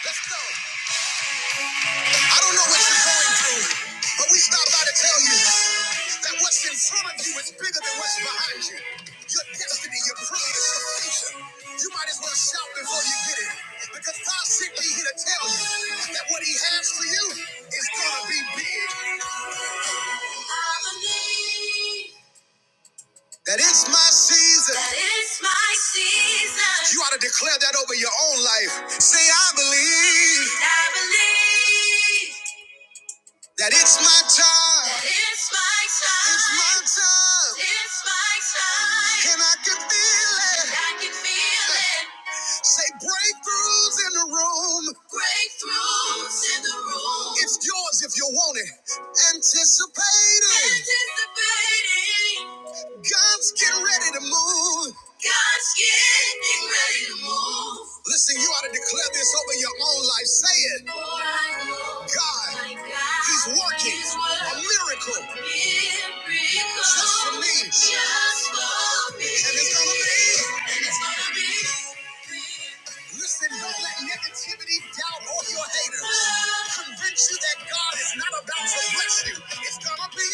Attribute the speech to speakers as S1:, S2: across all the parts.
S1: I don't know what you're going through, but we stop by to tell you that what's in front of you is bigger than what's behind you. Your destiny, your purpose, your future. You might as well shout before you get it, because God sent me here to tell you that what He has for you is gonna be big. I believe. That it's my season. That it's my season. You ought to declare that over your own life. Say, I believe. I believe. That it's my time. That it's my time. It's my time. It's my time. And I can feel it. And I can feel it. Say breakthroughs in the room. Breakthroughs in the room. It's yours if you want it. Anticipating. Anticipating. God's getting ready to move. God's getting ready to move. Listen, you ought to declare this over your own life. Say it. God, He's working a miracle just for me. Just for me. And it's gonna be. And it's gonna be. Listen, don't let negativity, doubt, or your haters convince you that God is not about to bless you. It's gonna be.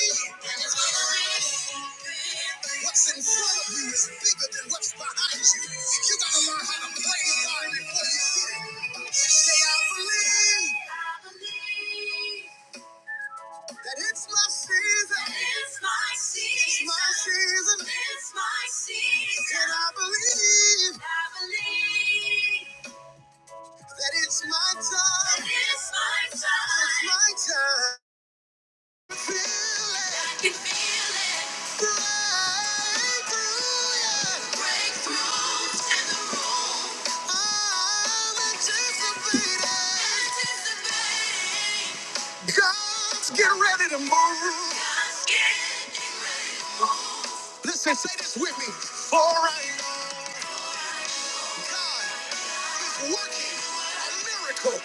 S1: What's in front of you is bigger than what's behind you. You gotta learn how to play God before you get it. Say, I believe that it's my season. It's my season. It's my season. It's my season. And I believe. I believe. That it's my time. That it's my time. It's my time. I can Feel it. I can feel it. Breakthrough, yeah. Breakthroughs in the room. I'm anticipating. Anticipating. God's getting ready to move. God's getting ready. Listen, say this with me. All right. God is working a miracle.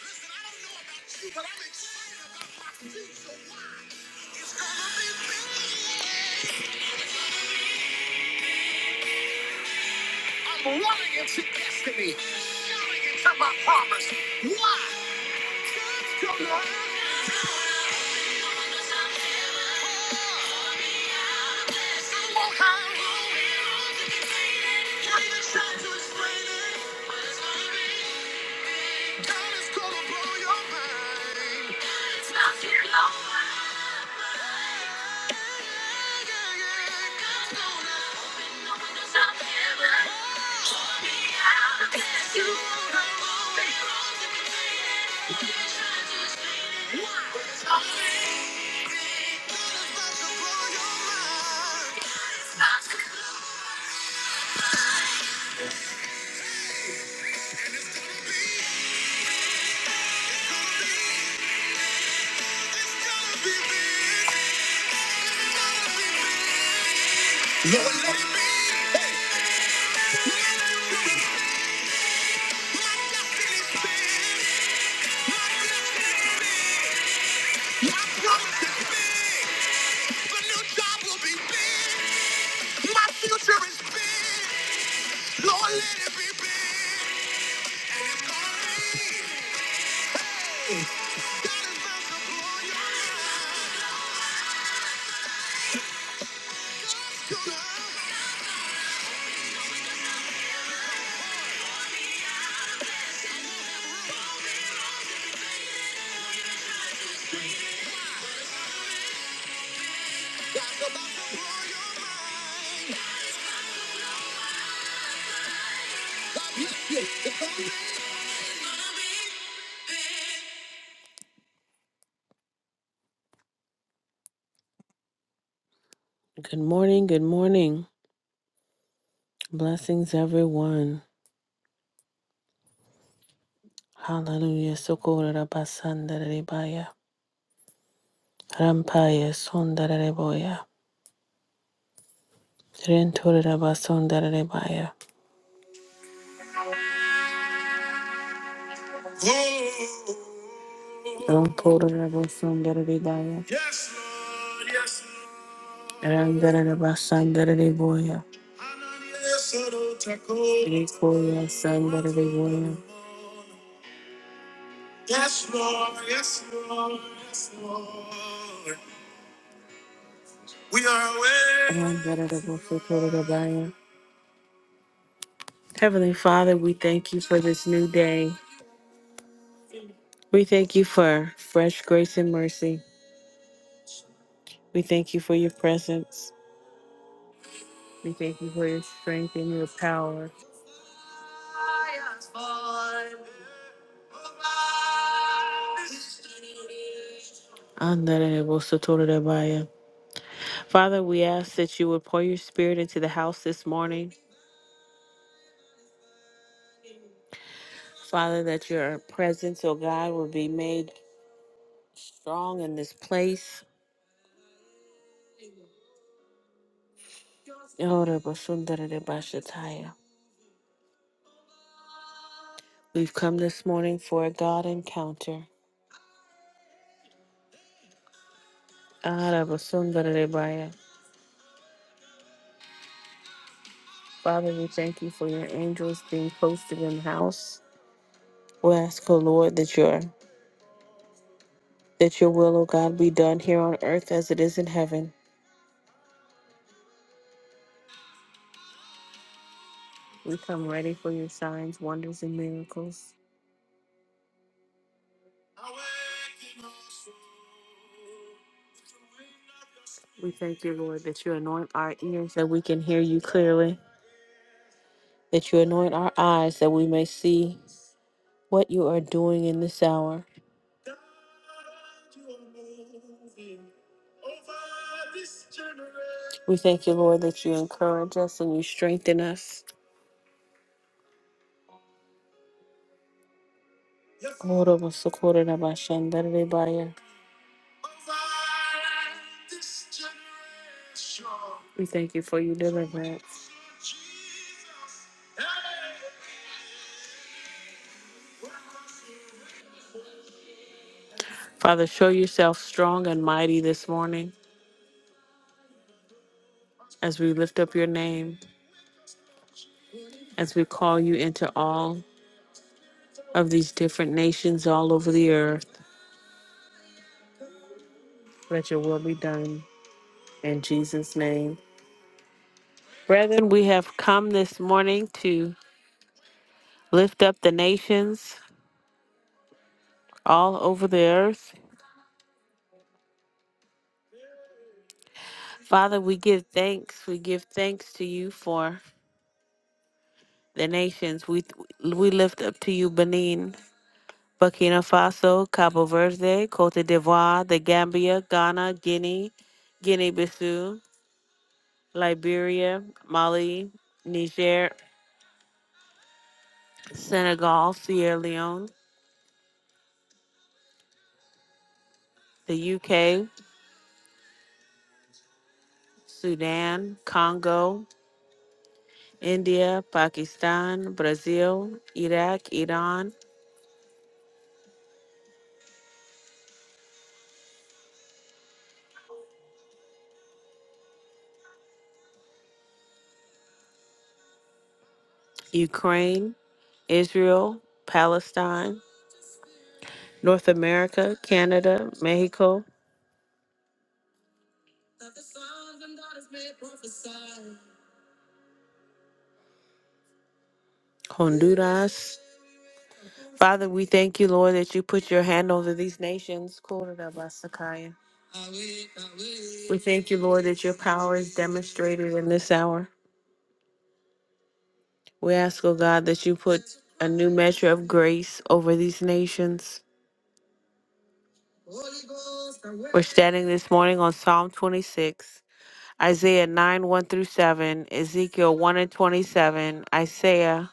S1: Listen, I don't know about you, but I'm excited about my future. Why? I'm running into destiny, into my promise. Why? God's gonna greater shines of God is gonna blow your mind. You don't know why. It's all big. Lord, let it be. Hey. My destiny's big. My destiny's big. My promise is big. The new job will be big. My future is big. Lord, let it be big, and it's gonna rain. God is about to blow your mind. Tonight, God's about to blow your mind. Good morning, good morning. Blessings, everyone. Hallelujah. Socorro basandarebaya. Rampaya sondareboya. Rentorera basandarebaya. Ramporera basandarebaya. Yes, Lord, yes, Randere basandere de boya. Rikoya sandere de boya. Yes, Lord. Yes, Lord. Yes, Lord. We are away. Randere de bosotore de baya. Heavenly Father, we thank you for this new day. We thank you for fresh grace and mercy. We thank you for your presence. We thank you for your strength and your power. Andere de bosotore de baya. Father, we ask that you would pour your spirit into the house this morning. Father, that your presence, oh God, will be made strong in this place. Oh, Rabba Sundara de Bashataya. We've come this morning for a God encounter. Ah, Rabba Sundara de Baya. Father, we thank you for your angels being posted in the house. We ask, oh Lord, that your that your will, oh God, be done here on earth as it is in heaven. We come ready for your signs, wonders, and miracles. We thank you, Lord, that you anoint our ears that we can hear you clearly, that you anoint our eyes that we may see what you are doing in this hour. We thank you, Lord, that you encourage us and you strengthen us. Orobo socorro da baixandere de baia. We thank you for your deliverance. Father, show yourself strong and mighty this morning as we lift up your name, as we call you into all of these different nations all over the earth. Let your will be done in Jesus' name. Brethren, we have come this morning to lift up the nations all over the earth. Father, we give thanks. We give thanks to you for the nations. We we lift up to you Benin, Burkina Faso, Cabo Verde, Cote d'Ivoire, the Gambia, Ghana, Guinea, Guinea-Bissau, Liberia, Mali, Niger, Senegal, Sierra Leone, the UK, Sudan, Congo, India, Pakistan, Brazil, Iraq, Iran, Ukraine, Israel, Palestine, North America, Canada, Mexico, Honduras. Father, we thank you, Lord, that you put your hand over these nations. Kororabasakaya. We thank you, Lord, that your power is demonstrated in this hour. We ask, oh God, that you put a new measure of grace over these nations. We're standing this morning on Psalm 26, Isaiah 9, 1 through 7, Ezekiel 1 and 27, Isaiah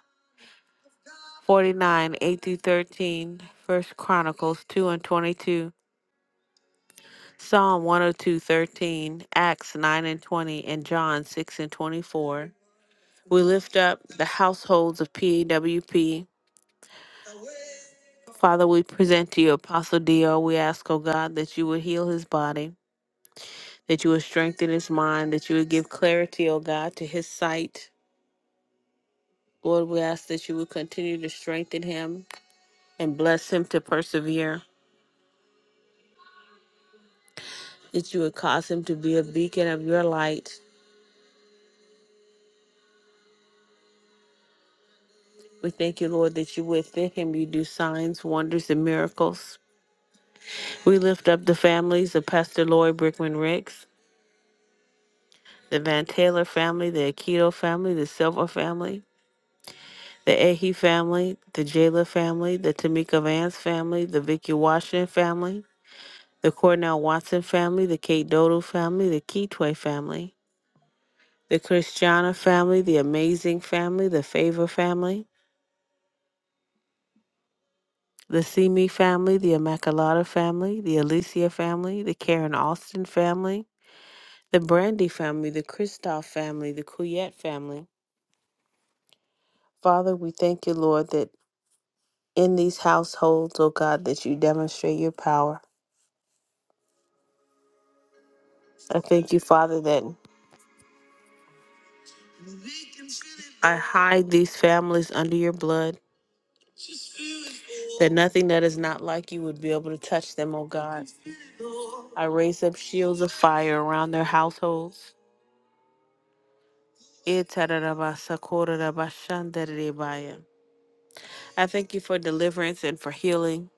S1: 49, 8 through 13, 1 Chronicles 2 and 22. Psalm 102:13, Acts 9 and 20, and John 6 and 24. We lift up the households of PAWP. Father, we present to you Apostle Dio. We ask, O God, that you would heal his body, that you would strengthen his mind, that you would give clarity, O God, to his sight. Lord, we ask that you would continue to strengthen him and bless him to persevere, that you would cause him to be a beacon of your light. We thank you, Lord, that you would fit him. You do signs, wonders, and miracles. We lift up the families of Pastor Lori Brickman Ricks, the Van Taylor family, the Aikido family, the Silva family, the Ahe family, the Jayla family, the Tamika Vance family, the Vicky Washington family, the Cornell Watson family, the Kate Dodo family, the Keetway family, the Christiana family, the Amazing family, the Favor family, the Simi family, the Immaculata family, the Alicia family, the Karen Austin family, the Brandy family, the Kristoff family, the Couillette family, Father, we thank you, Lord, that in these households, oh God, that you demonstrate your power. I thank you, Father, that I hide these families under your blood, that nothing that is not like you would be able to touch them, oh God. I raise up shields of fire around their households. I thank you for deliverance and for healing.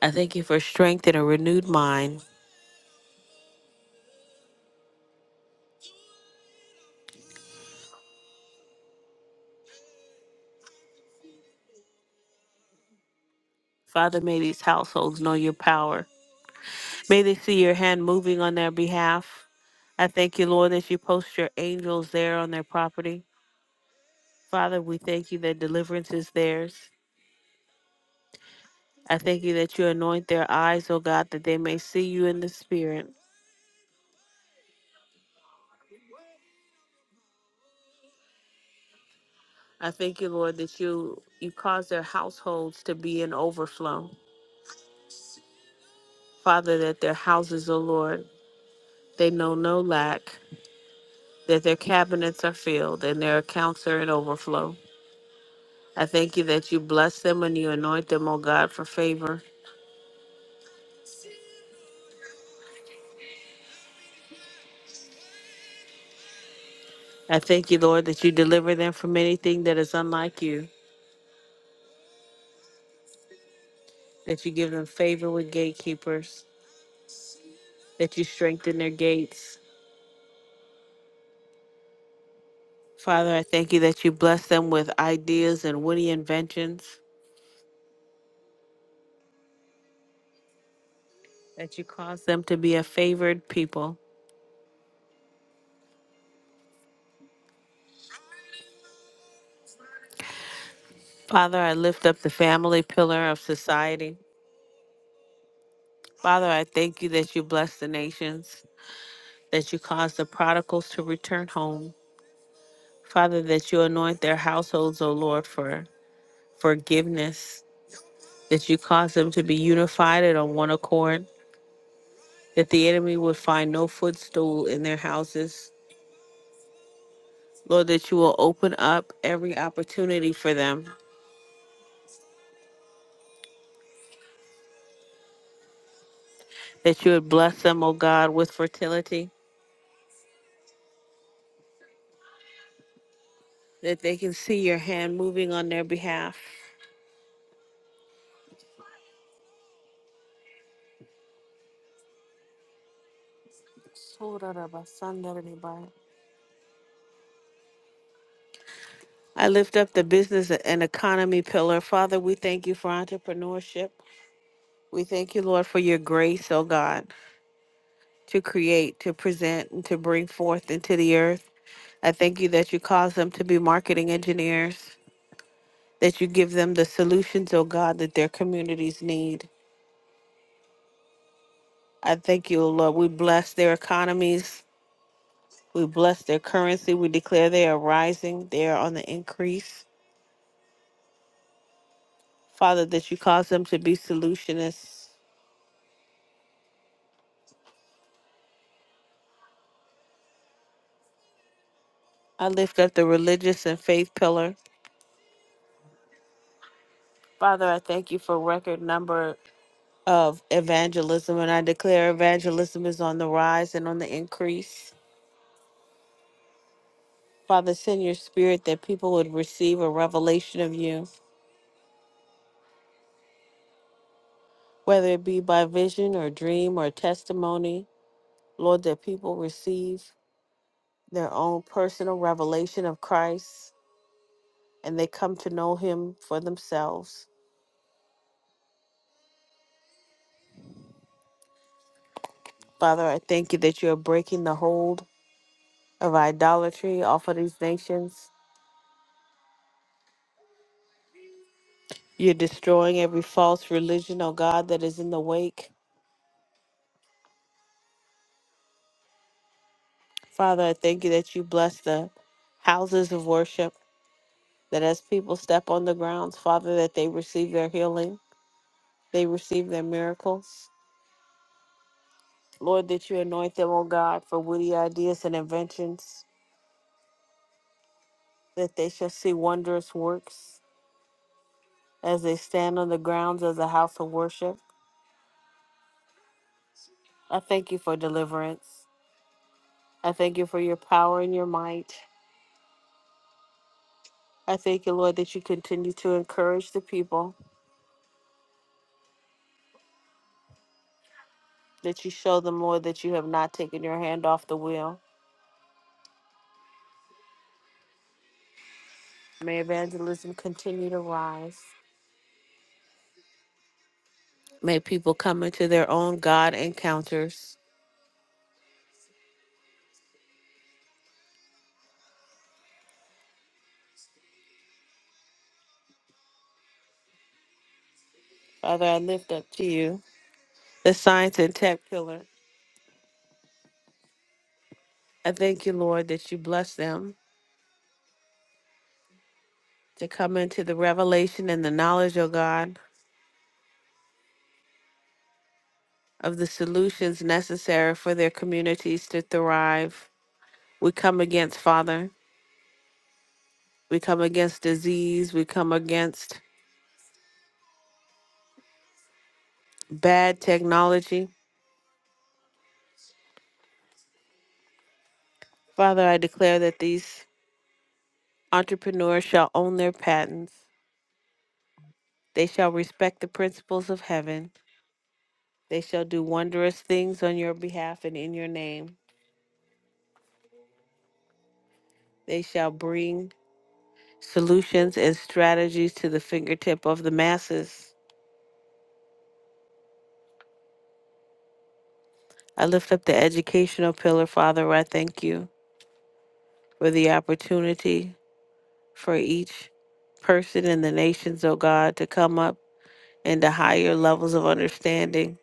S1: I thank you for strength and a renewed mind. Father, may these households know your power. May they see your hand moving on their behalf. I thank you, Lord, that you post your angels there on their property. Father, we thank you that deliverance is theirs. I thank you that you anoint their eyes, O God, that they may see you in the spirit. I thank you, Lord, that you you cause their households to be in overflow. Father, that their houses, O Lord, they know no lack, that their cabinets are filled and their accounts are in overflow. I thank you that you bless them and you anoint them, O God, for favor. I thank you, Lord, that you deliver them from anything that is unlike you, that you give them favor with gatekeepers, that you strengthen their gates. Father, I thank you that you bless them with ideas and witty inventions, that you cause them to be a favored people. Father, I lift up the family pillar of society. Father, I thank you that you bless the nations, that you cause the prodigals to return home. Father, that you anoint their households, O Lord, for forgiveness, that you cause them to be unified and on one accord, that the enemy would find no footstool in their houses. Lord, that you will open up every opportunity for them, that you would bless them, O God, with fertility, that they can see your hand moving on their behalf. I lift up the business and economy pillar. Father, we thank you for entrepreneurship. We thank you, Lord, for your grace, O God, to create, to present, and to bring forth into the earth. I thank you that you cause them to be marketing engineers, that you give them the solutions, oh God, that their communities need. I thank you, O Lord. We bless their economies. We bless their currency. We declare they are rising. They are on the increase. Father, that you cause them to be solutionists. I lift up the religious and faith pillar. Father, I thank you for record number of evangelism, and I declare evangelism is on the rise and on the increase. Father, send your spirit that people would receive a revelation of you, whether it be by vision or dream or testimony. Lord, that people receive their own personal revelation of Christ and they come to know him for themselves. Father, I thank you that you're breaking the hold of idolatry off of these nations. You're destroying every false religion, oh God, that is in the wake. Father, I thank you that you bless the houses of worship. that as people step on the grounds, Father, that they receive their healing, they receive their miracles. Lord, that you anoint them, O God, for witty ideas and inventions, that they shall see wondrous works as they stand on the grounds as a house of worship. I thank you for deliverance. I thank you for your power and your might. I thank you, Lord, that you continue to encourage the people, that you show them, Lord, that you have not taken your hand off the wheel. May evangelism continue to rise. May people come into their own God encounters. Father, I lift up to you the science and tech pillar. I thank you, Lord, that you bless them to come into the revelation and the knowledge, O God, of the solutions necessary for their communities to thrive. We come against, Father, we come against disease, we come against bad technology. Father, I declare that these entrepreneurs shall own their patents, they shall respect the principles of heaven. They shall do wondrous things on your behalf and in your name. They shall bring solutions and strategies to the fingertip of the masses. I lift up the educational pillar, Father. I thank you for the opportunity for each person in the nations, O God, to come up into higher levels of understanding.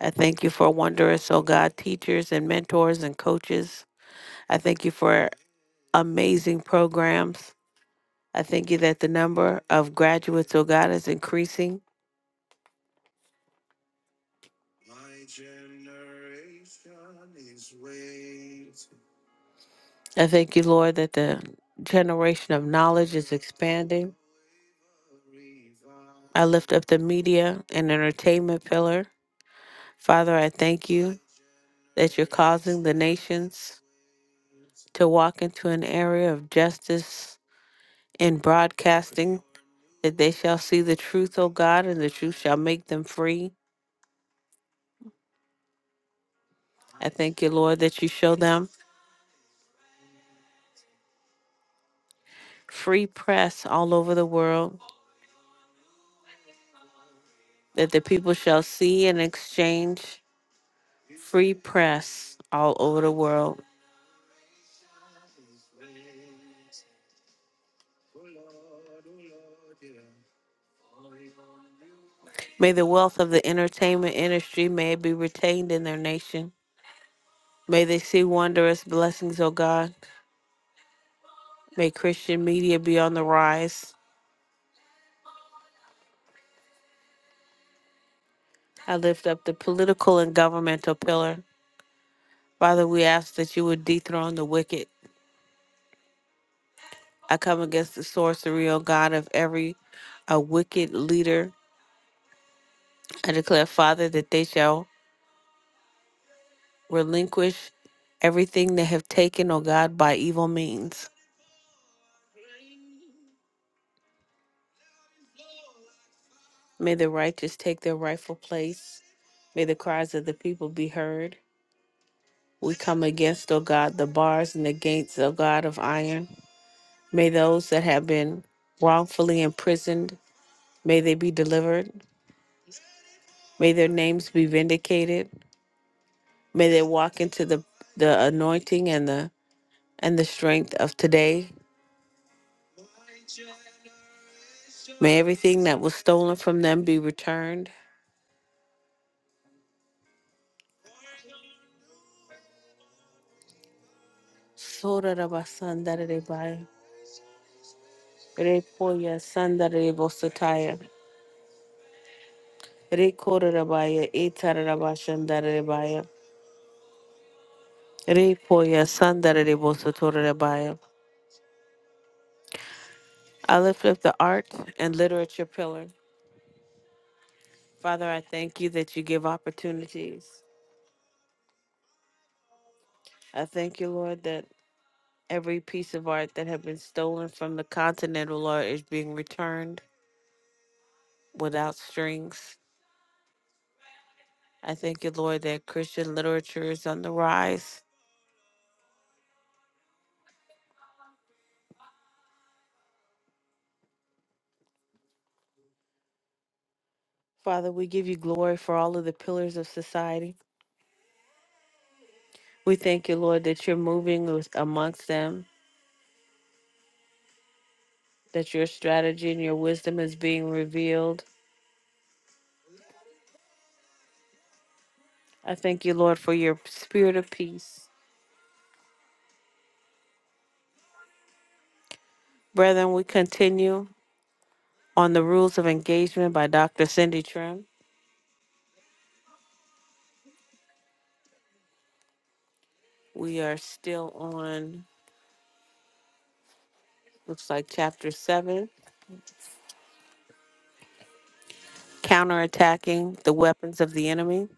S1: I thank you for wondrous, O God, teachers and mentors and coaches. I thank you for amazing programs. I thank you that the number of graduates, oh God, is increasing. I thank you, Lord, that the generation of knowledge is expanding. I lift up the media and entertainment pillar. Father, I thank you that you're causing the nations to walk into an area of justice in broadcasting, that they shall see the truth, O God, and the truth shall make them free. I thank you, Lord, that you show them. free press all over the world, that the people shall see and exchange free press all over the world. May the wealth of the entertainment industry may it be retained in their nation. May they see wondrous blessings, O God. May Christian media be on the rise. I lift up the political and governmental pillar. Father, we ask that you would dethrone the wicked. I come against the sorcery, O God, of every a wicked leader. I declare, Father, that they shall relinquish everything they have taken, O God, by evil means. May the righteous take their rightful place. May the cries of the people be heard. We come against, O God, the bars and the gates, O God, of iron. May those that have been wrongfully imprisoned, may they be delivered. May their names be vindicated. May they walk into the, the anointing and the and the strength of today. May everything that was stolen from them be returned. Sora Soraraba sandarebai. Repoya sandarebo sataya. Rekorarabaya etararaba shandarebaya. Repoya sandarebo sotorarabaya. I lift up the art and literature pillar. Father, I thank you that you give opportunities. I thank you, Lord, that every piece of art that had been stolen from the continental Lord, is being returned without strings. I thank you, Lord, that Christian literature is on the rise. Father, we give you glory for all of the pillars of society. We thank you, Lord, that you're moving with- amongst them, that your strategy and your wisdom is being revealed. I thank you, Lord, for your spirit of peace. Brethren, we continue on the rules of engagement by Dr. Cindy Trim. We are still on, looks like chapter seven, counterattacking the weapons of the enemy.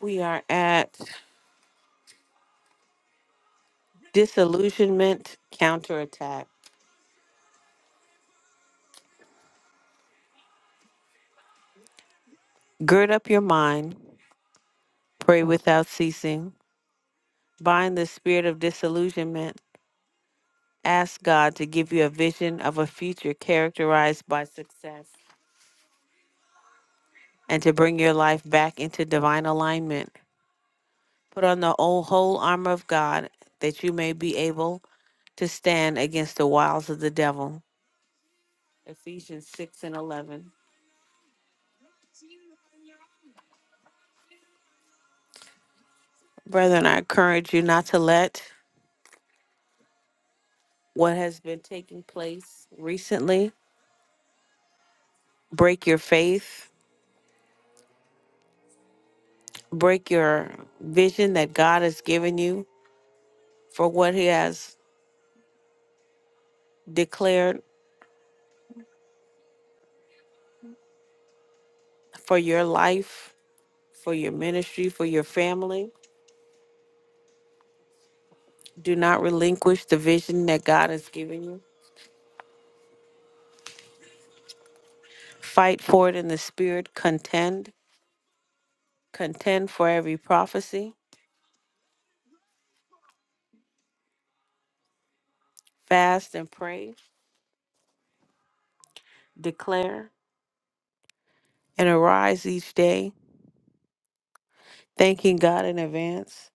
S1: We are at disillusionment counterattack. Gird up your mind. Pray without ceasing. Bind the spirit of disillusionment. Ask God to give you a vision of a future characterized by success and to bring your life back into divine alignment. Put on the old, whole armor of God that you may be able to stand against the wiles of the devil. Ephesians 6 and 11. Brethren, I encourage you not to let what has been taking place recently break your faith, break your vision that God has given you for what He has declared for your life, for your ministry, for your family. Do not relinquish the vision that God has given you. Fight for it in the spirit, contend, contend for every prophecy, fast and pray, declare, and arise each day, thanking God in advance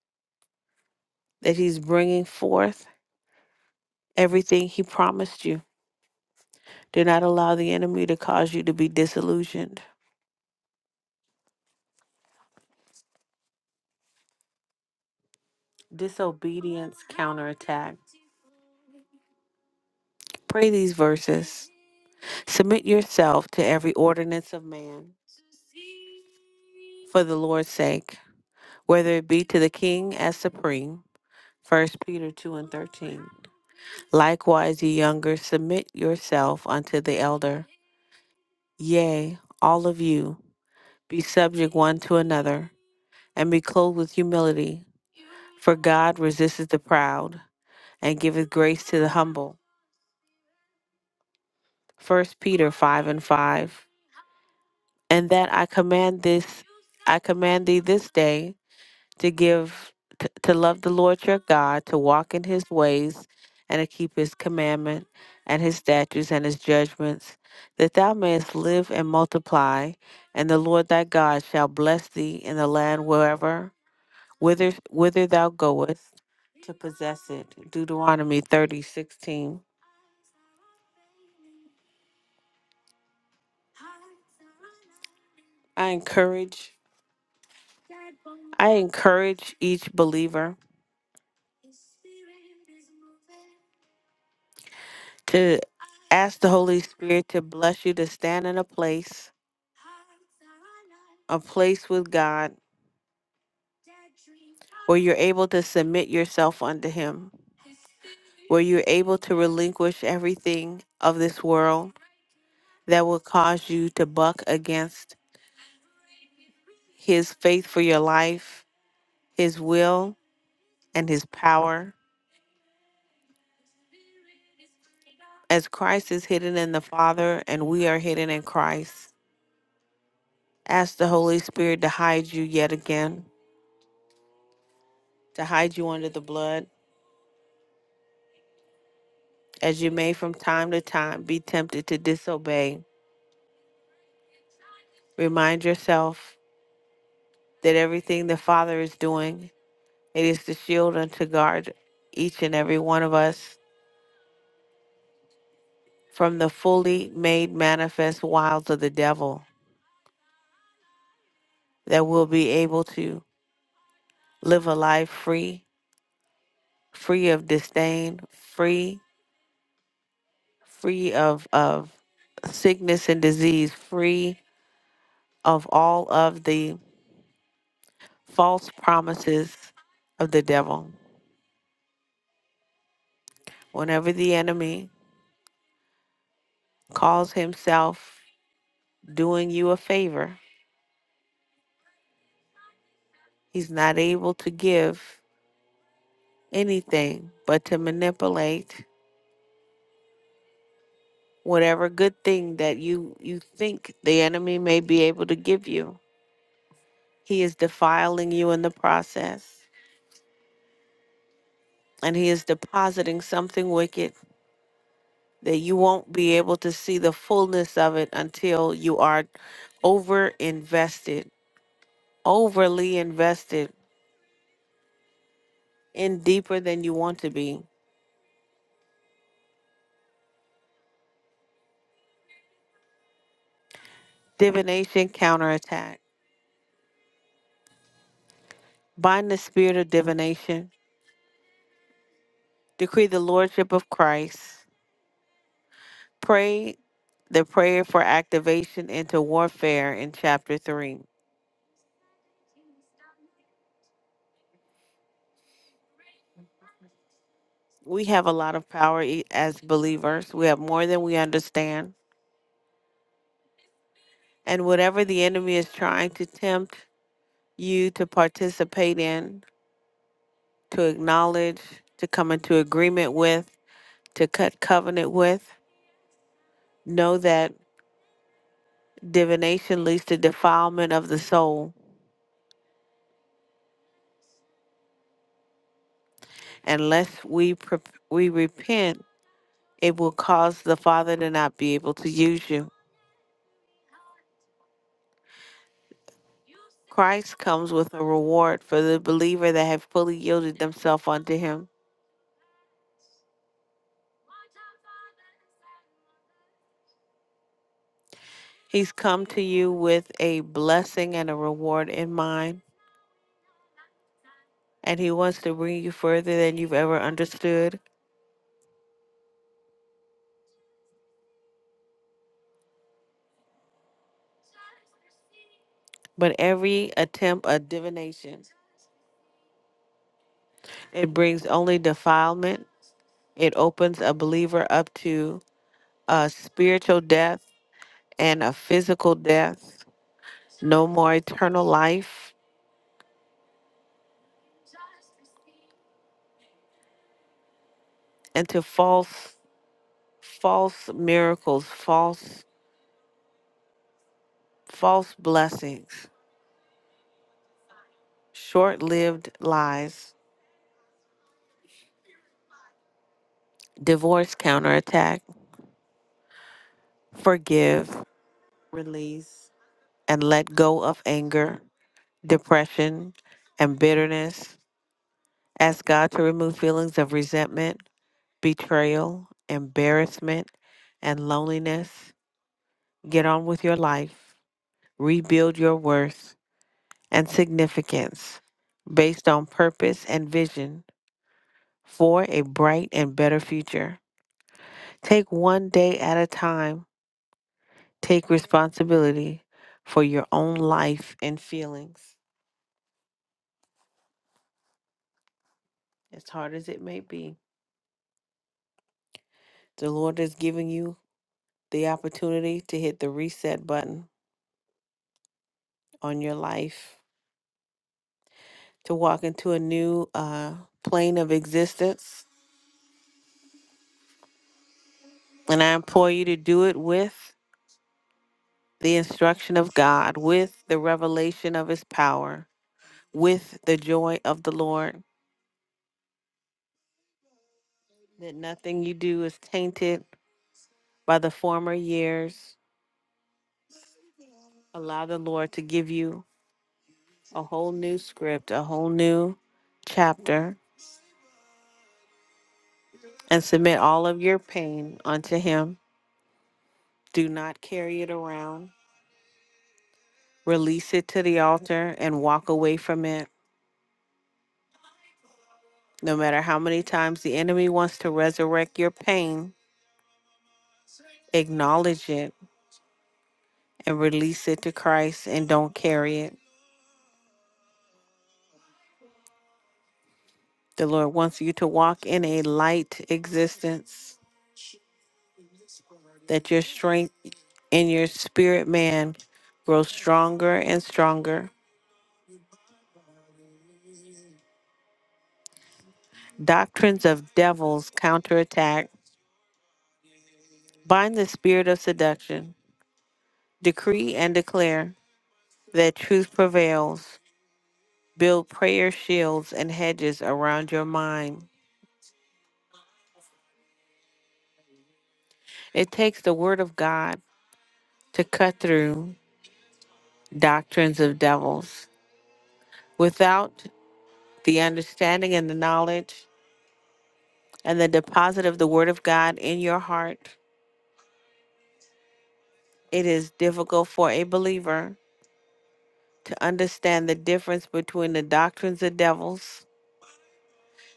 S1: that He's bringing forth everything He promised you. Do not allow the enemy to cause you to be disillusioned. Disobedience counterattack. Pray these verses. Submit yourself to every ordinance of man for the Lord's sake, whether it be to the king as supreme. First Peter 2 and 13. Likewise, ye younger, submit yourself unto the elder. Yea, all of you, be subject one to another, and be clothed with humility. For God resisteth the proud, and giveth grace to the humble. First Peter 5 and 5. And that I command this I command thee this day to give to, to love the Lord your God, to walk in his ways, and to keep his commandment and his statutes and his judgments, that thou mayest live and multiply, and the Lord thy God shall bless thee in the land wherever whither whither thou goest to possess it. Deuteronomy thirty sixteen. I encourage I encourage each believer to ask the Holy Spirit to bless you to stand in a place, a place with God where you're able to submit yourself unto Him, where you're able to relinquish everything of this world that will cause you to buck against His faith for your life, His will, and His power. As Christ is hidden in the Father, and we are hidden in Christ. Ask the Holy Spirit to hide you yet again, to hide you under the blood. As you may from time to time be tempted to disobey, remind yourself that everything the Father is doing, it is to shield and to guard each and every one of us from the fully made manifest wiles of the devil, that we'll be able to live a life free, free of disdain, free, free of, of sickness and disease, free of all of the false promises of the devil. Whenever the enemy calls himself doing you a favor, he's not able to give anything but to manipulate whatever good thing that you you think the enemy may be able to give you. He is defiling you in the process and he is depositing something wicked that you won't be able to see the fullness of it until you are over invested overly invested in deeper than you want to be. Divination counterattack. Bind the spirit of divination. Decree the lordship of Christ. Pray the prayer for activation into warfare in chapter 3. We have a lot of power e- as believers. We have more than we understand. And whatever the enemy is trying to tempt you to participate in, to acknowledge, to come into agreement with, to cut covenant with, know that Divination leads to defilement of the soul. Unless we pre- we repent, it will cause the Father to not be able to use you. Christ comes with a reward for the believer that have fully yielded themselves unto Him. He's come to you with a blessing and a reward in mind, and He wants to bring you further than you've ever understood. But every attempt at divination, it brings only defilement. It opens a believer up to uh, spiritual death and a physical death, no more eternal life, and to false false miracles, false false blessings, short-lived lies, divorce counterattack, forgive, release, and let go of anger, depression, and bitterness. Ask God to remove feelings of resentment, betrayal, embarrassment, and loneliness. Get on with your life. Rebuild your worth and significance based on purpose and vision for a bright and better future. Take one day at a time. Take responsibility for your own life and feelings. As hard as it may be, the Lord is giving you the opportunity to hit the reset button on your life, to walk into a new uh, plane of existence. And I implore you to do it with the instruction of God, with the revelation of His power with the joy of the Lord, that nothing you do is tainted by the former years. Allow the Lord to give you a whole new script, a whole new chapter, and submit all of your pain unto Him. Do not carry it around. Release it to the altar and walk away from it. No matter how many times the enemy wants to resurrect your pain, acknowledge it and release it to Christ and don't carry it. The Lord wants you to walk in a light existence, that your strength in your spirit man grows stronger and stronger. Doctrines of devils counterattack. Bind the spirit of seduction. Decree and declare that truth prevails. Build prayer shields and hedges around your mind. It takes the word of God to cut through doctrines of devils. Without the understanding and the knowledge, and the deposit of the Word of God in your heart, it is difficult for a believer to understand the difference between the doctrines of devils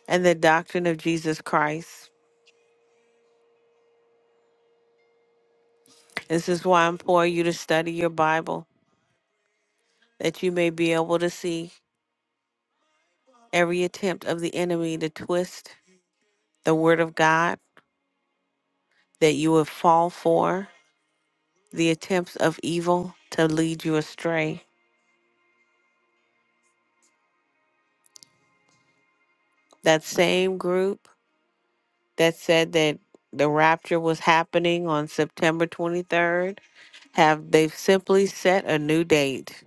S1: and the doctrine of Jesus Christ. This is why I implore you to study your Bible, that you may be able to see every attempt of the enemy to twist the Word of God, that you would fall for the attempts of evil to lead you astray. That same group that said that the rapture was happening on September 23rd have they've simply set a new date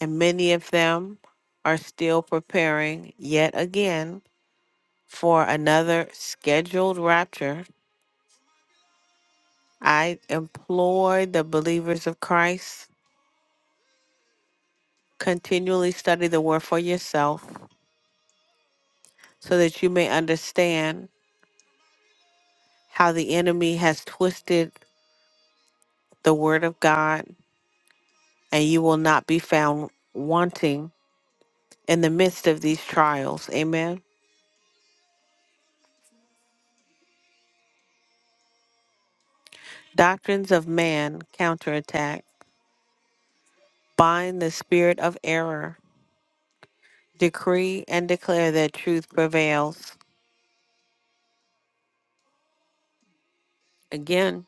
S1: and many of them are still preparing yet again for another scheduled rapture. I implore the believers of Christ continually study the word for yourself so that you may understand how the enemy has twisted the word of God and you will not be found wanting in the midst of these trials. Amen. Doctrines of man counterattack. Bind the spirit of error. Decree and declare that truth prevails. Again,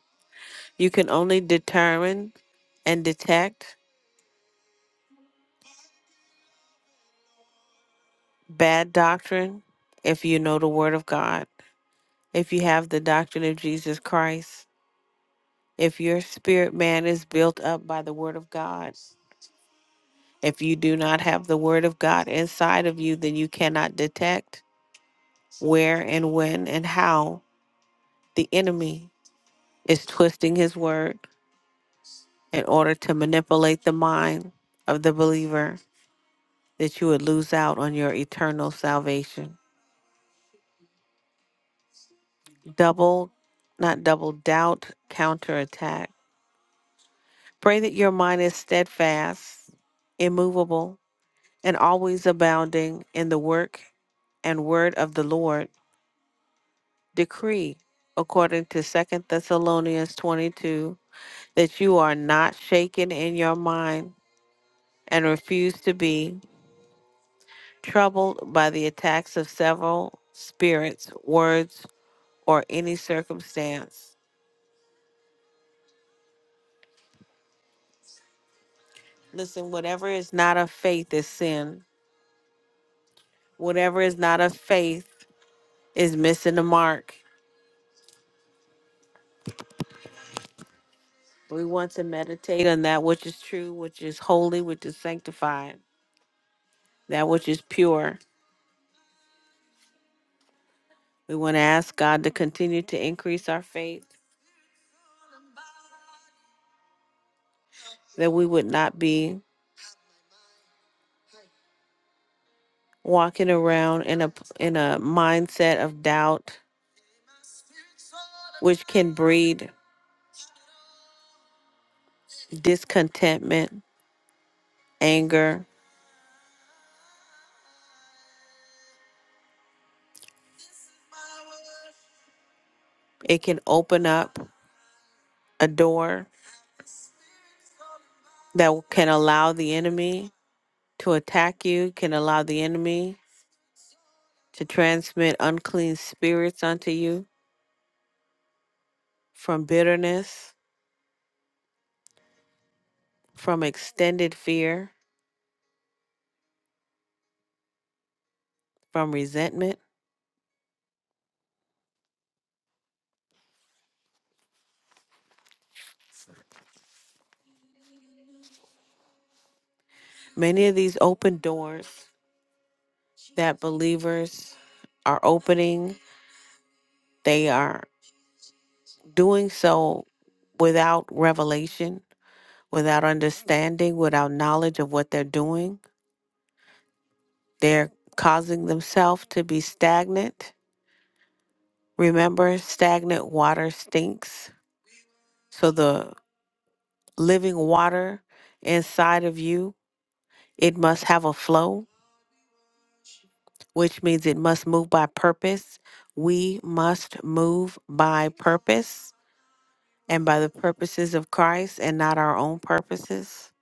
S1: you can only determine and detect bad doctrine if you know the Word of God, if you have the doctrine of Jesus Christ, if your spirit man is built up by the Word of God. If you do not have the Word of God inside of you, then you cannot detect where and when and how the enemy is twisting his word in order to manipulate the mind of the believer that you would lose out on your eternal salvation. Double, not double doubt, counterattack. Pray that your mind is steadfast, immovable, and always abounding in the work and word of the Lord. Decree, according to Second Thessalonians 22, that you are not shaken in your mind and refused to be troubled by the attacks of several spirits, words, or any circumstance. Listen, whatever is not of faith is sin. Whatever is not of faith is missing the mark. We want to meditate on that which is true, which is holy, which is sanctified, that which is pure. We want to ask God to continue to increase our faith, that we would not be walking around in a in a mindset of doubt, which can breed discontentment, anger. It can open up a door that can allow the enemy to attack you, can allow the enemy to transmit unclean spirits unto you from bitterness, from extended fear, from resentment. Many of these open doors that believers are opening, they are doing so without revelation, without understanding, without knowledge of what they're doing They're causing themselves to be stagnant. Remember, stagnant water stinks. So the living water inside of you, it must have a flow, which means it must move by purpose. We must move by purpose and by the purposes of Christ and not our own purposes.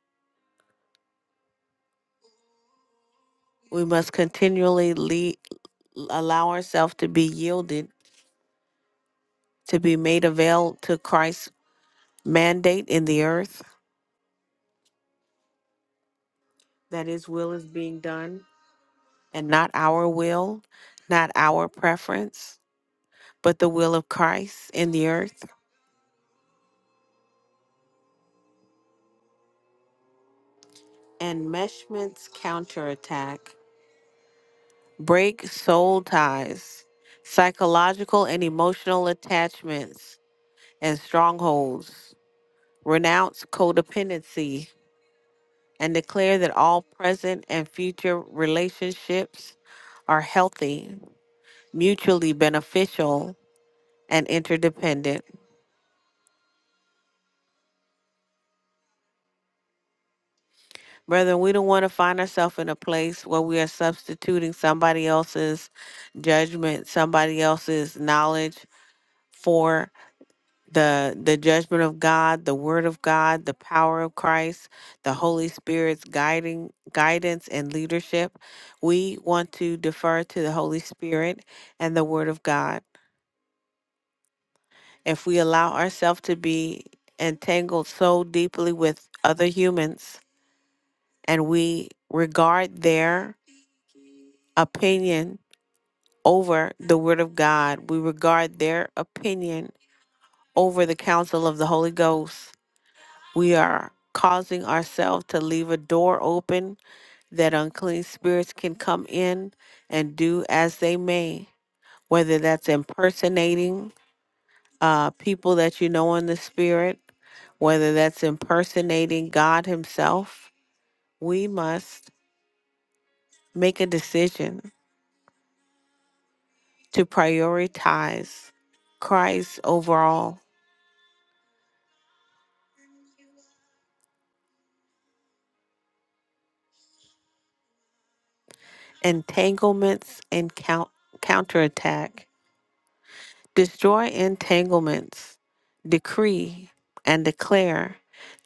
S1: We must continually lead, allow ourselves to be yielded, to be made avail to Christ's mandate in the earth. that His will is being done and not our will, not our preference, but the will of Christ in the earth. Enmeshment's counterattack. Break soul ties, psychological and emotional attachments and strongholds. Renounce codependency and declare that all present and future relationships are healthy, mutually beneficial, and interdependent. Brethren, we don't want to find ourselves in a place where we are substituting somebody else's judgment, somebody else's knowledge for the the judgment of God, the word of God, the power of Christ, the Holy Spirit's guiding guidance and leadership. We want to defer to the Holy Spirit and the word of God. If we allow ourselves to be entangled so deeply with other humans and we regard their opinion over the Word of God. We regard their opinion over the counsel of the Holy Ghost. We are causing ourselves to leave a door open that unclean spirits can come in and do as they may, whether that's impersonating uh, people that you know in the spirit, whether that's impersonating God Himself. We must make a decision to prioritize Christ overall entanglements and count, counterattack. Destroy entanglements. Decree and declare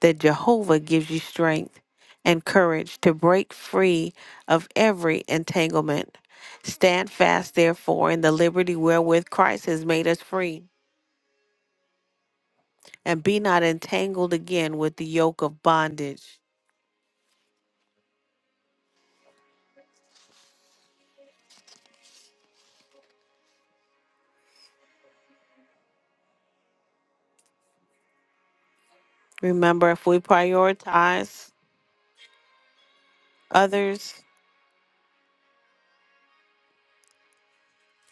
S1: that Jehovah gives you strength and courage to break free of every entanglement. Stand fast, therefore, in the liberty wherewith Christ has made us free, and be not entangled again with the yoke of bondage. Remember, if we prioritize others,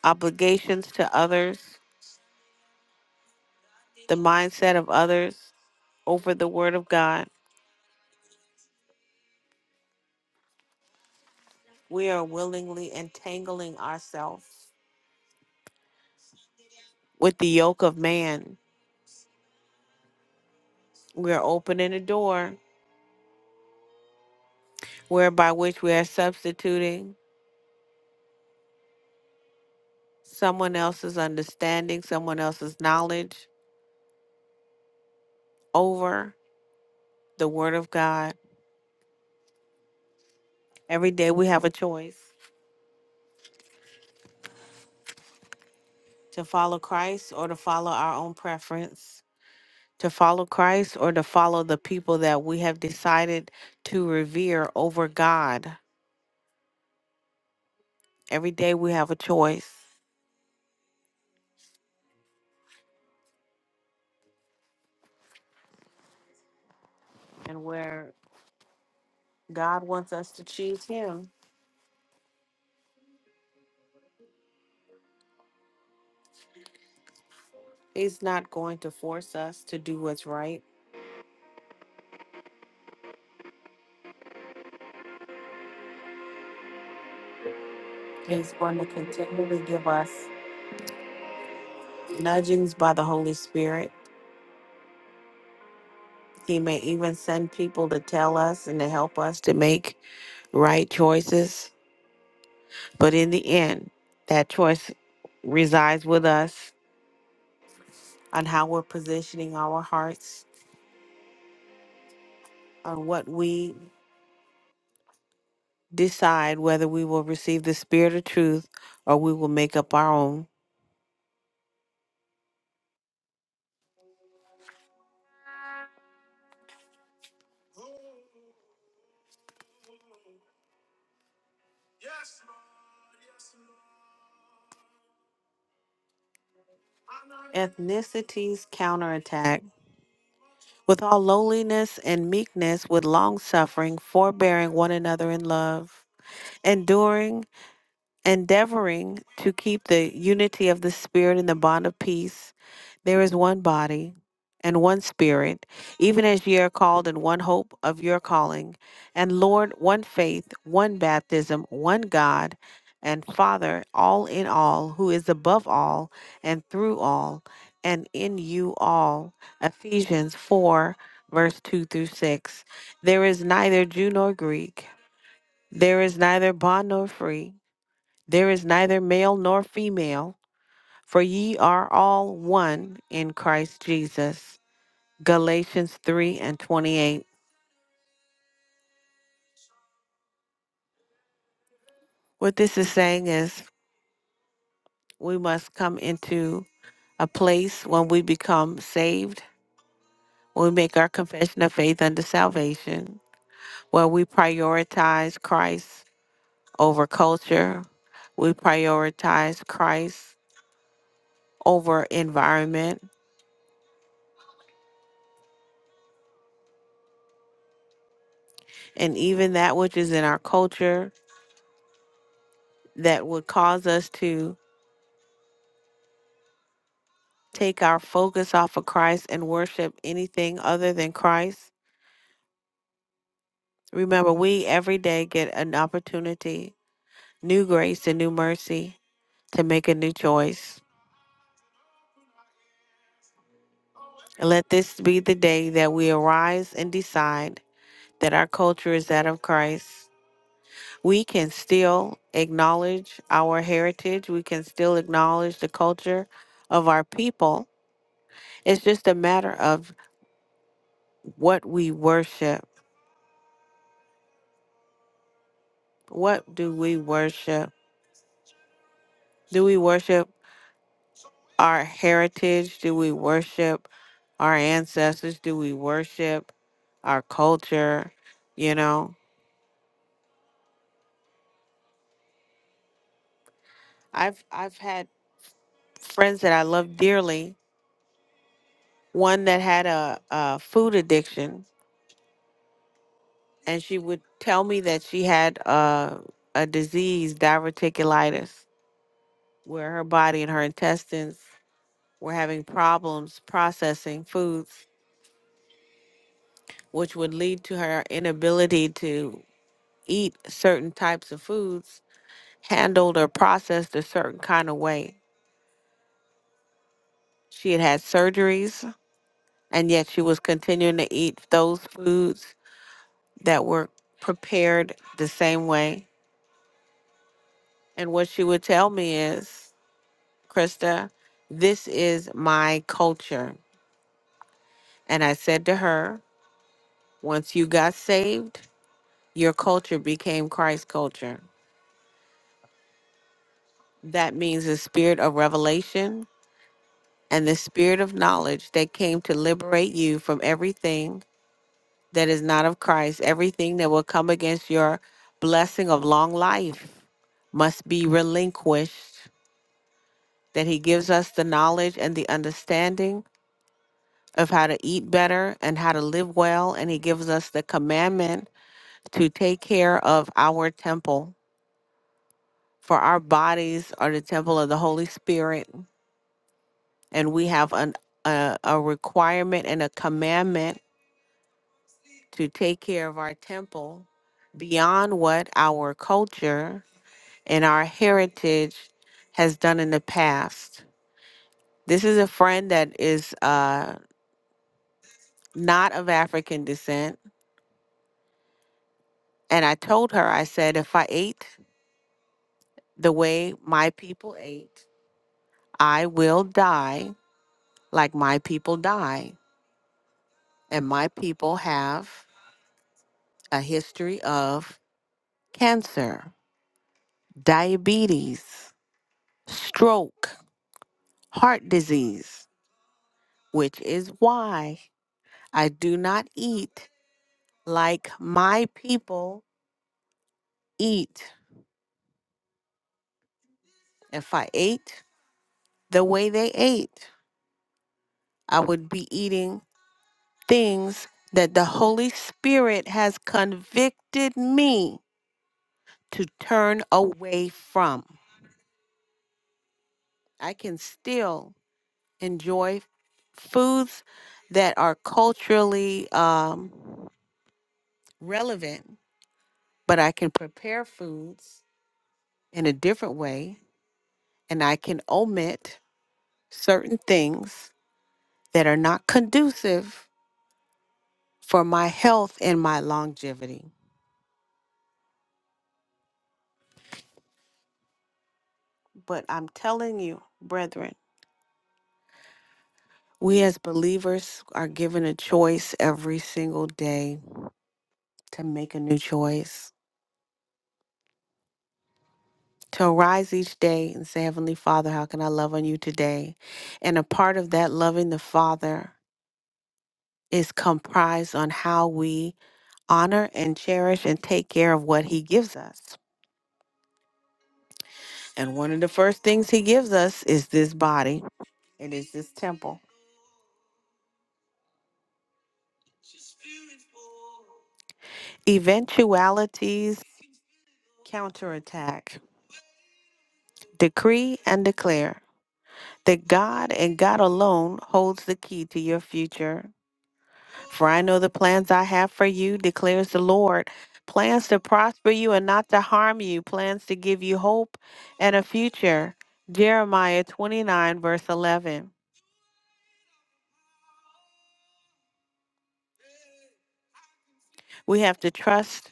S1: obligations to others, the mindset of others. over the word of God, we are willingly entangling ourselves with the yoke of man. We are opening a door whereby which we are substituting someone else's understanding, someone else's knowledge over the word of God. Every day we have a choice to follow Christ or to follow our own preference, to follow Christ or to follow the people that we have decided to revere over God. Every day we have a choice and where God wants us to choose Him. He's not going to force us to do what's right. He's going to continually give us nudgings by the Holy Spirit. He may even send people to tell us and to help us to make right choices. But in the end, that choice resides with us on how we're positioning our hearts, on what we decide whether we will receive the Spirit of truth or we will make up our own. ethnicities counterattack with all lowliness and meekness with long suffering forbearing one another in love enduring endeavoring to keep the unity of the Spirit in the bond of peace, there is one body and one Spirit, even as ye are called in one hope of your calling, and Lord, one faith, one baptism, one God and Father, all in all, who is above all and through all and in you all. Ephesians 4, verse 2 through 6. There is neither Jew nor Greek, there is neither bond nor free. There is neither male nor female, for ye are all one in Christ Jesus. Galatians 3 and 28. What this is saying is we must come into a place when we become saved, when we make our confession of faith unto salvation, where we prioritize Christ over culture, we prioritize Christ over environment, and even that which is in our culture that would cause us to take our focus off of Christ and worship anything other than Christ. Remember, we every day get an opportunity, new grace and new mercy to make a new choice. And let this be the day that we arise and decide that our culture is that of Christ. We can still acknowledge our heritage, we can still acknowledge the culture of our people. It's just a matter of what we worship. What do we worship? Do we worship? our heritage? Do we worship our ancestors? Do we worship our culture? You know, I've I've had friends that I love dearly. One that had a, a food addiction, and she would tell me that she had a, a disease, diverticulitis, where her body and her intestines were having problems processing foods, which would lead to her inability to eat certain types of foods handled or processed a certain kind of way. She had had surgeries, and yet she was continuing to eat those foods that were prepared the same way. And what she would tell me is, Krista, this is my culture. And I said to her, once you got saved, your culture became Christ's culture. That means the spirit of revelation and the spirit of knowledge that came to liberate you from everything that is not of Christ, everything that will come against your blessing of long life must be relinquished. That He gives us the knowledge and the understanding of how to eat better and how to live well. And He gives us the commandment to take care of our temple. For our bodies are the temple of the Holy Spirit. And we have an, a, a requirement and a commandment to take care of our temple beyond what our culture and our heritage has done in the past. This is a friend that is uh, not of African descent. And I told her, I said, if I ate the way my people ate, I will die like my people die. And my people have a history of cancer, diabetes, stroke, heart disease, which is why I do not eat like my people eat. If I ate the way they ate, I would be eating things that the Holy Spirit has convicted me to turn away from. I can still enjoy foods that are culturally um, relevant, but I can prepare foods in a different way and I can omit certain things that are not conducive for my health and my longevity. But I'm telling you, brethren, we as believers are given a choice every single day to make a new choice. To arise each day and say, Heavenly Father, how can I love on you today? And a part of that loving the Father is comprised on how we honor and cherish and take care of what He gives us. And one of the first things He gives us is this body, it is this temple. Eventualities counterattack. Decree and declare that God and God alone holds the key to your future. For I know the plans I have for you, declares the Lord plans to prosper you and not to harm you, plans to give you hope and a future. Jeremiah 29, verse 11. We have to trust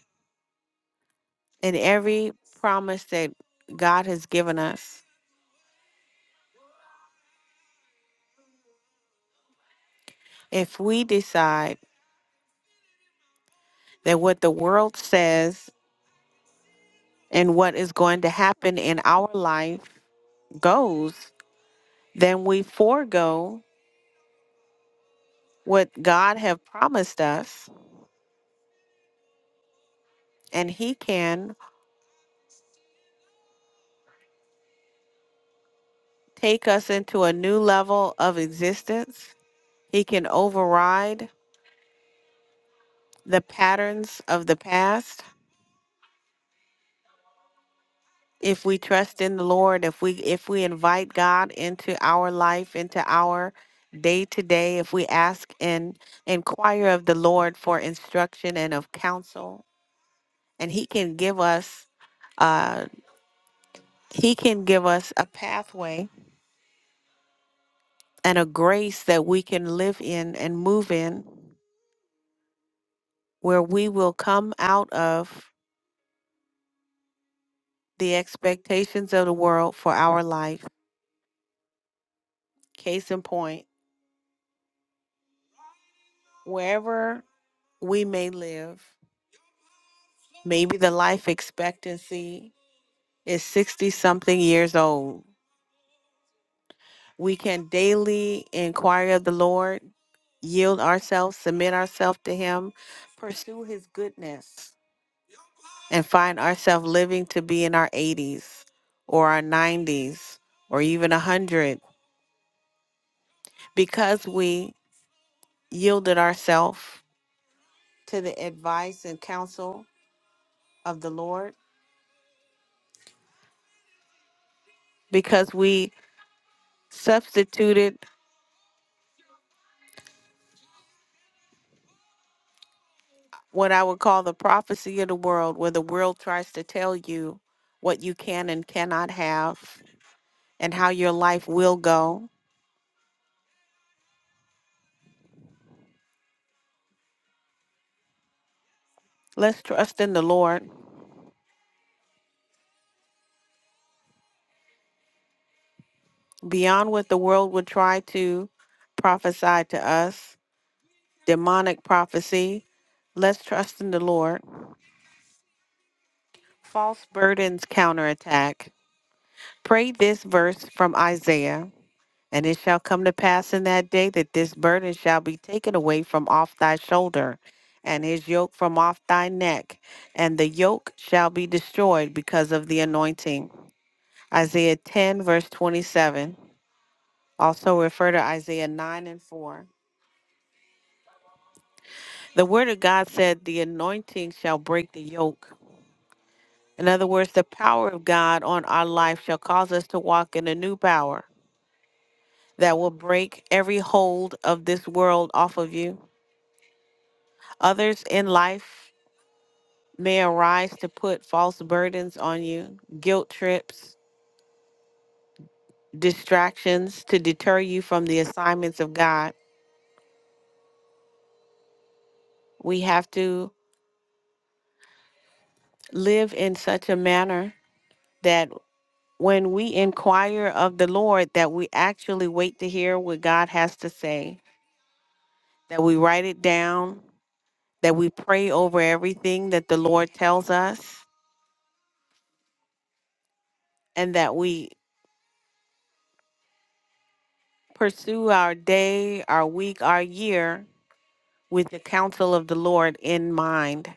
S1: in every promise that God has given us. If we decide that what the world says and what is going to happen in our life goes, then we forego what God have promised us and he can take us into a new level of existence. He can override the patterns of the past if we trust in the Lord, if we if we invite God into our life, into our day to day, if we ask and inquire of the Lord for instruction and of counsel and he can give us uh he can give us a pathway and a grace that we can live in and move in where we will come out of the expectations of the world for our life case in point wherever we may live maybe the life expectancy is 60 something years old we can daily inquire of the lord yield ourselves submit ourselves to him pursue his goodness and find ourselves living to be in our 80s or our 90s or even 100 because we yielded ourselves to the advice and counsel of the Lord, because we substituted what I would call the prophecy of the world, where the world tries to tell you what you can and cannot have and how your life will go. Let's trust in the Lord beyond what the world would try to prophesy to us demonic prophecy, let's trust in the Lord, false burdens counterattack. Pray this verse from Isaiah, and it shall come to pass in that day that this burden shall be taken away from off thy shoulder, and his yoke from off thy neck, and the yoke shall be destroyed because of the anointing. Isaiah 10, verse 27. Also refer to Isaiah 9 and 4. The word of God said, The anointing shall break the yoke. In other words, the power of God on our life shall cause us to walk in a new power that will break every hold of this world off of you. Others in life may arise to put false burdens on you, guilt trips, distractions to deter you from the assignments of God. We have to live in such a manner that when we inquire of the Lord that we actually wait to hear what God has to say, that we write it down that we pray over everything that the Lord tells us, and that we pursue our day, our week, our year with the counsel of the Lord in mind.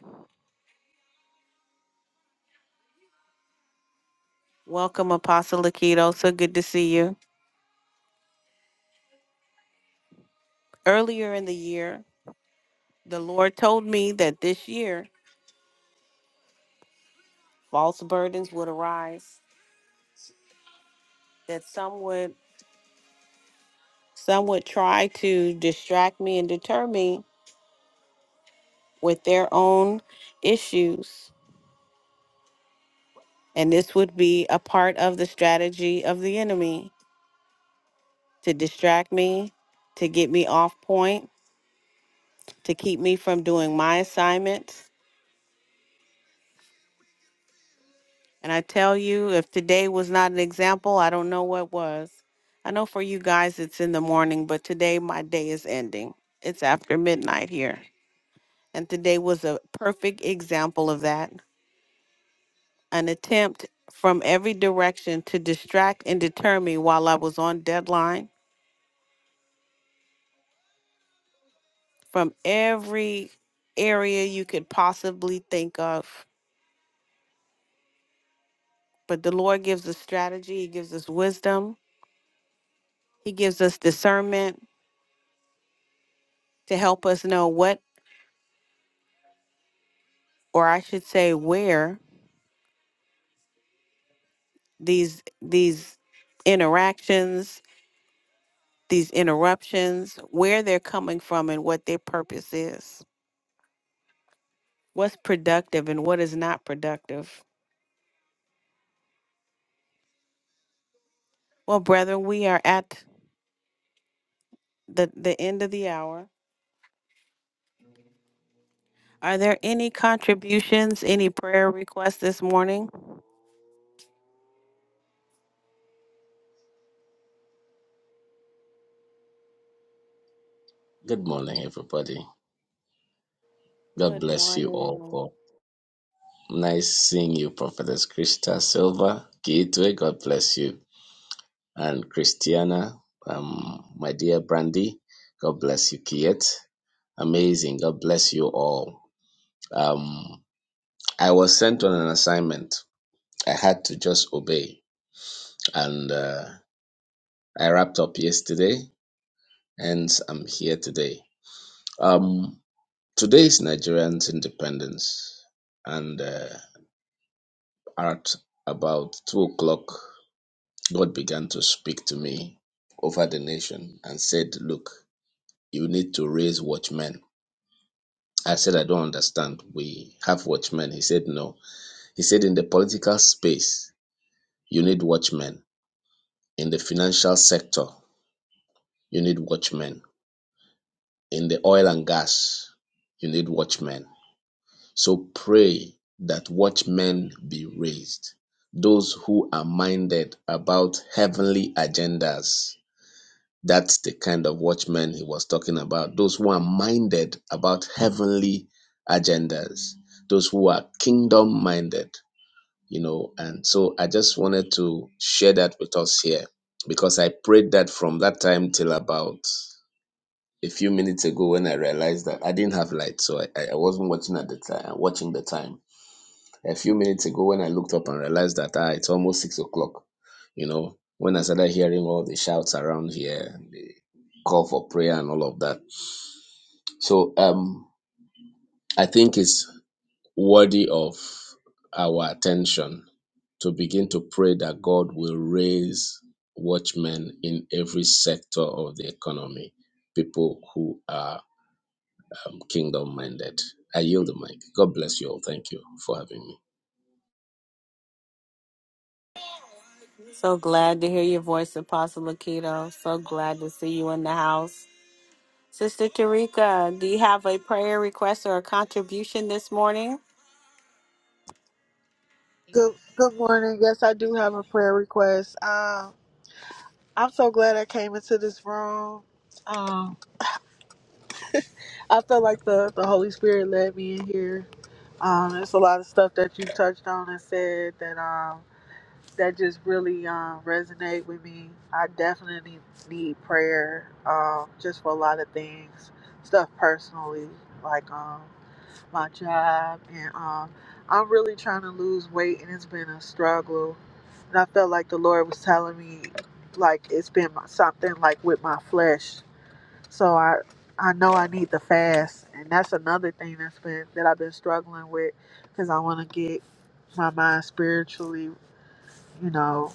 S1: Welcome, Apostle Aikido. So good to see you. Earlier in the year, the Lord told me that this year false burdens would arise, that some would some would try to distract me and deter me with their own issues. And this would be a part of the strategy of the enemy to distract me, to get me off point, to keep me from doing my assignments. And I tell you, if today was not an example, I don't know what was. I know for you guys it's in the morning, but today my day is ending. It's after midnight here. And today was a perfect example of that. An attempt from every direction to distract and deter me while I was on deadline from every area you could possibly think of But the Lord gives us strategy, He gives us wisdom, He gives us discernment to help us know what, or I should say, where these these interactions, these interruptions, where they're coming from and what their purpose is. What's productive and what is not productive. Well, brethren, we are at the, the end of the hour. Are there any contributions, any prayer requests this morning?
S2: Good morning, everybody. God
S1: Good
S2: bless you all.
S1: morning.
S2: For nice seeing you, Prophetess Krista Silva Gateway. God bless you, and Christiana, um, my dear Brandy. God bless you, Kiet. Amazing. God bless you all. Um, I was sent on an assignment. I had to just obey, and uh, I wrapped up yesterday, and I'm here today. Um, today is Nigerians' independence, and. Uh, At about two o'clock, God began to speak to me over the nation and said, Look, you need to raise watchmen. I said, I don't understand. We have watchmen. He said, No. He said, In the political space, you need watchmen. In the financial sector, you need watchmen. In the oil and gas, you need watchmen. So pray that watchmen be raised. Those who are minded about heavenly agendas That's the kind of watchmen he was talking about. Those who are minded about heavenly agendas, those who are kingdom minded, you know. And so I just wanted to share that with us here because I prayed that from that time till about a few minutes ago when I realized that I didn't have light. So I, I I wasn't watching at the time, watching the time. A few minutes ago, when I looked up and realized that ah, it's almost six o'clock, you know, when I started hearing all the shouts around here, the call for prayer and all of that. So um, I think it's worthy of our attention to begin to pray that God will raise watchmen in every sector of the economy, people who are um, kingdom minded. I yield the mic. God bless you all. Thank you for having me.
S1: So glad to hear your voice, Apostle Makito. So glad to see you in the house. Sister Tarika, do you have a prayer request or a contribution this morning?
S3: Good good morning. Yes, I do have a prayer request. Um, I'm so glad I came into this room. Um, I feel like the, the Holy Spirit led me in here. Um, it's a lot of stuff that you touched on and said that um that just really um resonate with me. I definitely need prayer um just for a lot of things, stuff personally. Like um my job, and um, I'm really trying to lose weight, and it's been a struggle. And I felt like the Lord was telling me, like it's been my, something like with my flesh. So I, I know I need to fast, and that's another thing that's been that I've been struggling with, because I want to get my mind spiritually, you know,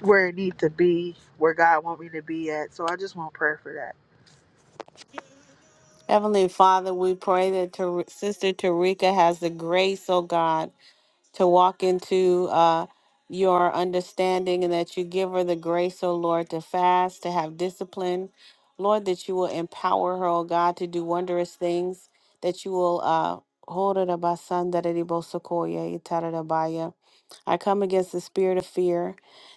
S3: where it need to be, where God want me to be at. So I just want prayer for that.
S1: Heavenly Father, we pray that Tar- Sister Tarika has the grace, oh God, to walk into uh, your understanding and that you give her the grace, oh Lord, to fast, to have discipline. Lord, that you will empower her, oh God, to do wondrous things, that you will. Uh, hold it about son that it able to call you, you tell it about you. I come against the spirit of fear,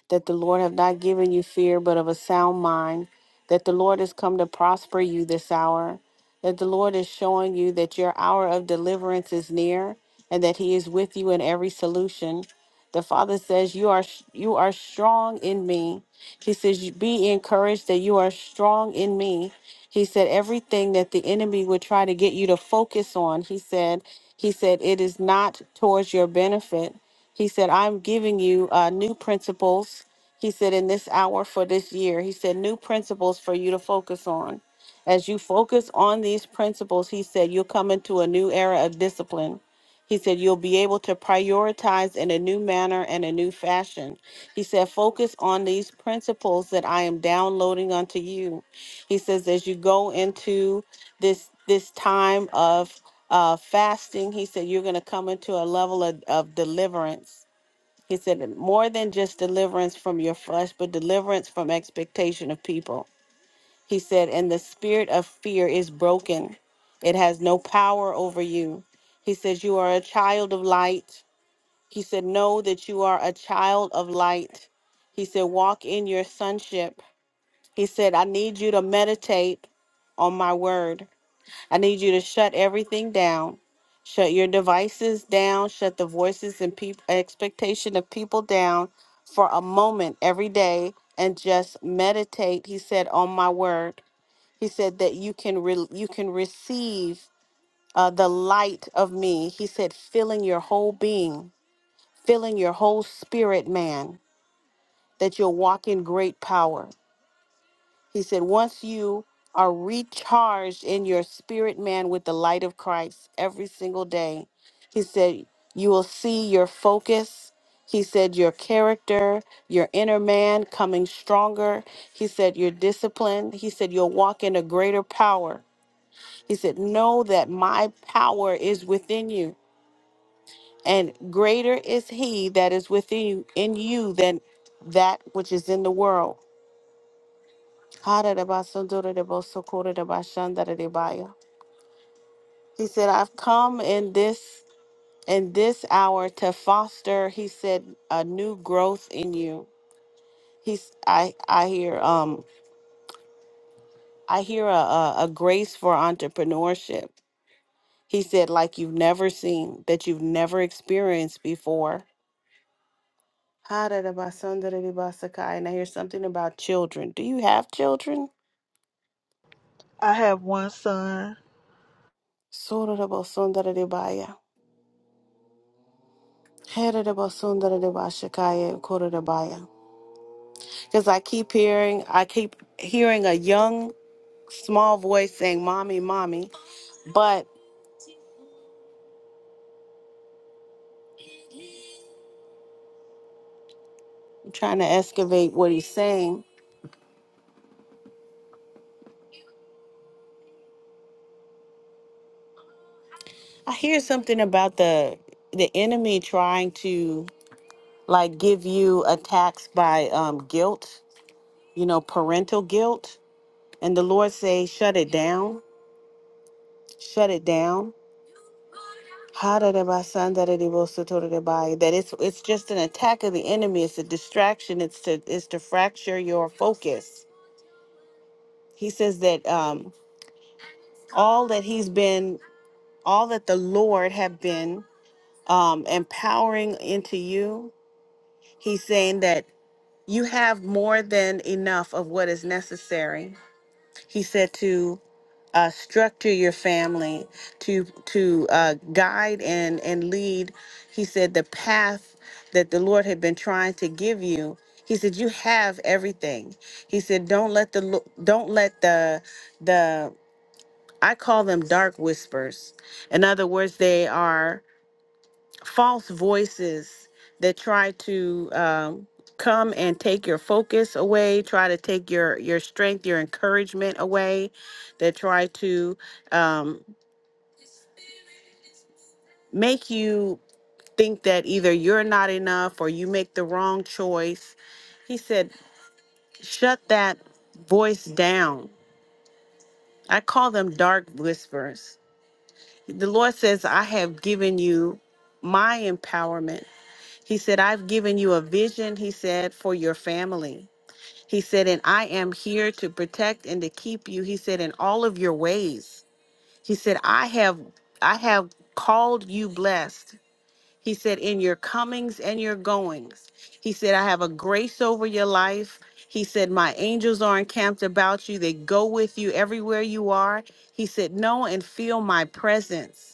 S1: that the Lord have not given you fear, but of a sound mind, that the Lord has come to prosper you this hour, that the Lord is showing you that your hour of deliverance is near, and that he is with you in every solution. The Father says, "You are you are strong in me." He says, "You "Be encouraged that you are strong in me." He said, "Everything that the enemy would try to get you to focus on," he said, "He said it is not towards your benefit." He said, "I'm giving you uh, new principles." He said, "In this hour for this year," he said, "New principles for you to focus on." As you focus on these principles, he said, you'll come into a new era of discipline. He said, You'll be able to prioritize in a new manner and a new fashion. He said, Focus on these principles that I am downloading unto you. He says, As you go into this, this time of uh, fasting, he said, You're going to come into a level of, of deliverance. He said, More than just deliverance from your flesh, but deliverance from expectation of people. He said, And the spirit of fear is broken, it has no power over you. He says, You are a child of light. He said, Know that you are a child of light. He said, Walk in your sonship. He said, I need you to meditate on my word. I need you to shut everything down. Shut your devices down. Shut the voices and peop expectation of people down for a moment every day and just meditate, he said, on my word. He said that you can re- you can receive uh, the light of me. He said, filling your whole being, filling your whole spirit, man, that you'll walk in great power. He said, once you are recharged in your spirit, man, with the light of Christ every single day, he said, you will see your focus. He said, your character, your inner man coming stronger. He said, your discipline. He said, you'll walk in a greater power. He said, Know that my power is within you, and greater is he that is within you in you than that which is in the world. He said, I've come in this in this hour to foster, he said, a new growth in you. He's I I hear um I hear a, a, a grace for entrepreneurship. He said, like you've never seen, that you've never experienced before Hadarabasandarabasakai. And I hear something about children. Do you have children?
S3: I have one son.
S1: Sorarabasandarabaya. Hadarabasandarabashakaya, Kodarabaya. Because I keep hearing, I keep hearing a young, small voice saying, Mommy, Mommy. But I'm trying to excavate what he's saying. I hear something about the the enemy trying to like give you attacks by um, guilt, you know, parental guilt. And the Lord say, shut it down shut it down. Hadadabasandaradibosotorodabai, That it's it's just an attack of the enemy. It's a distraction. It's to it's to fracture your focus. He says that um, all that he's been, all that the Lord have been um, empowering into you. He's saying that you have more than enough of what is necessary. He said to. uh, structure your family to to uh, guide and and lead. He said the path that the Lord had been trying to give you. He said you have everything. He said don't let the lo- don't let the the I call them dark whispers. In other words, they are false voices that try to um, come and take your focus away, try to take your your strength, your encouragement away, that try to um, make you think that either you're not enough or you make the wrong choice. He said, "Shut that voice down." I call them dark whispers. The Lord says, "I have given you my empowerment." He said, "I've given you a vision." He said, "for your family." He said, And I am here to protect and to keep you. He said, In all of your ways. He said, I have I have called you blessed. He said, In your comings and your goings. He said, I have a grace over your life. He said, My angels are encamped about you. They go with you everywhere you are. He said, Know and feel my presence.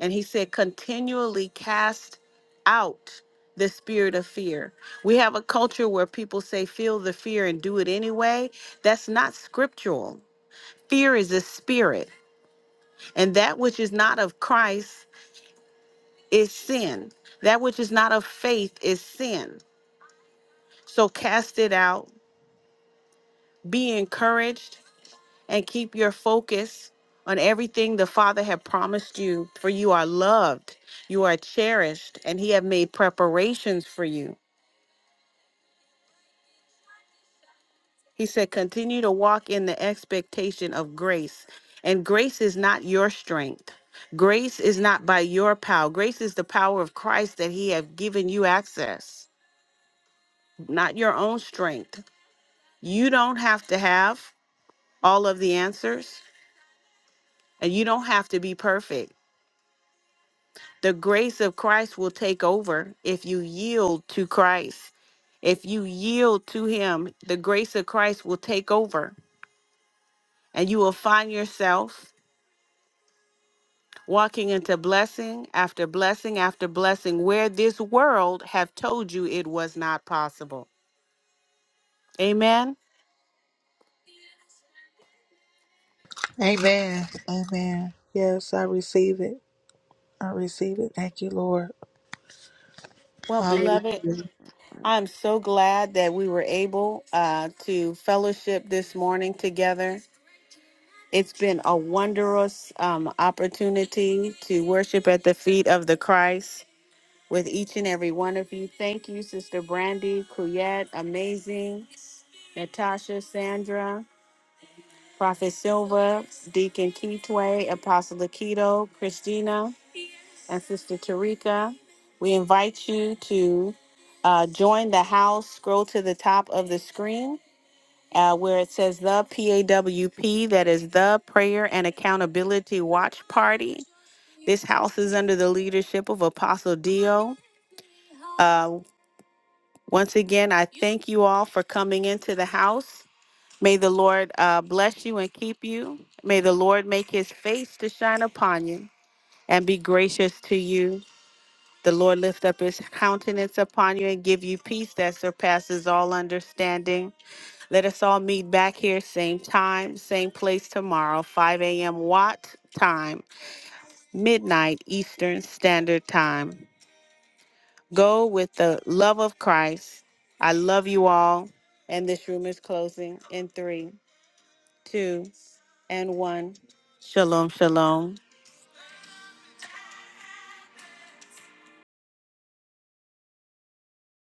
S1: And he said, continually cast out the spirit of fear. We have a culture where people say, feel the fear and do it anyway. That's not scriptural. Fear is a spirit, and that which is not of Christ is sin. That which is not of faith is sin. So cast it out, be encouraged, and keep your focus on everything the Father had promised you, for you are loved, you are cherished, and He have made preparations for you. He said, continue to walk in the expectation of grace. And grace is not your strength. Grace is not by your power. Grace is the power of Christ that he have given you access, not your own strength. You don't have to have all of the answers and you don't have to be perfect. The grace of Christ will take over if you yield to Christ. If you yield to him, the grace of Christ will take over and you will find yourself walking into blessing after blessing after blessing where this world have told you it was not possible amen
S3: Amen. Amen. Yes, I receive it. I receive it. Thank you, Lord.
S1: well beloved
S3: Hallelujah.
S1: i'm so glad that we were able uh, to fellowship this morning together it's been a wondrous um, opportunity to worship at the feet of the christ with each and every one of you thank you sister brandy Kuyet, amazing natasha sandra Prophet Silva, Deacon Keithway, Apostle Keto, Christina, and Sister Tarika. We invite you to uh, join the house. Scroll to the top of the screen uh, where it says the PAWP, that is the Prayer and Accountability Watch Party. This house is under the leadership of Apostle Dio. Uh, once again, I thank you all for coming into the house. May the Lord uh, bless you and keep you. May the Lord make his face to shine upon you and be gracious to you. The Lord lift up his countenance upon you and give you peace that surpasses all understanding. Let us all meet back here, same time, same place tomorrow, 5 a.m. Watt time, midnight Eastern Standard Time. Go with the love of Christ. I love you all. And this room is closing in three. two, and one. Shalom, shalom.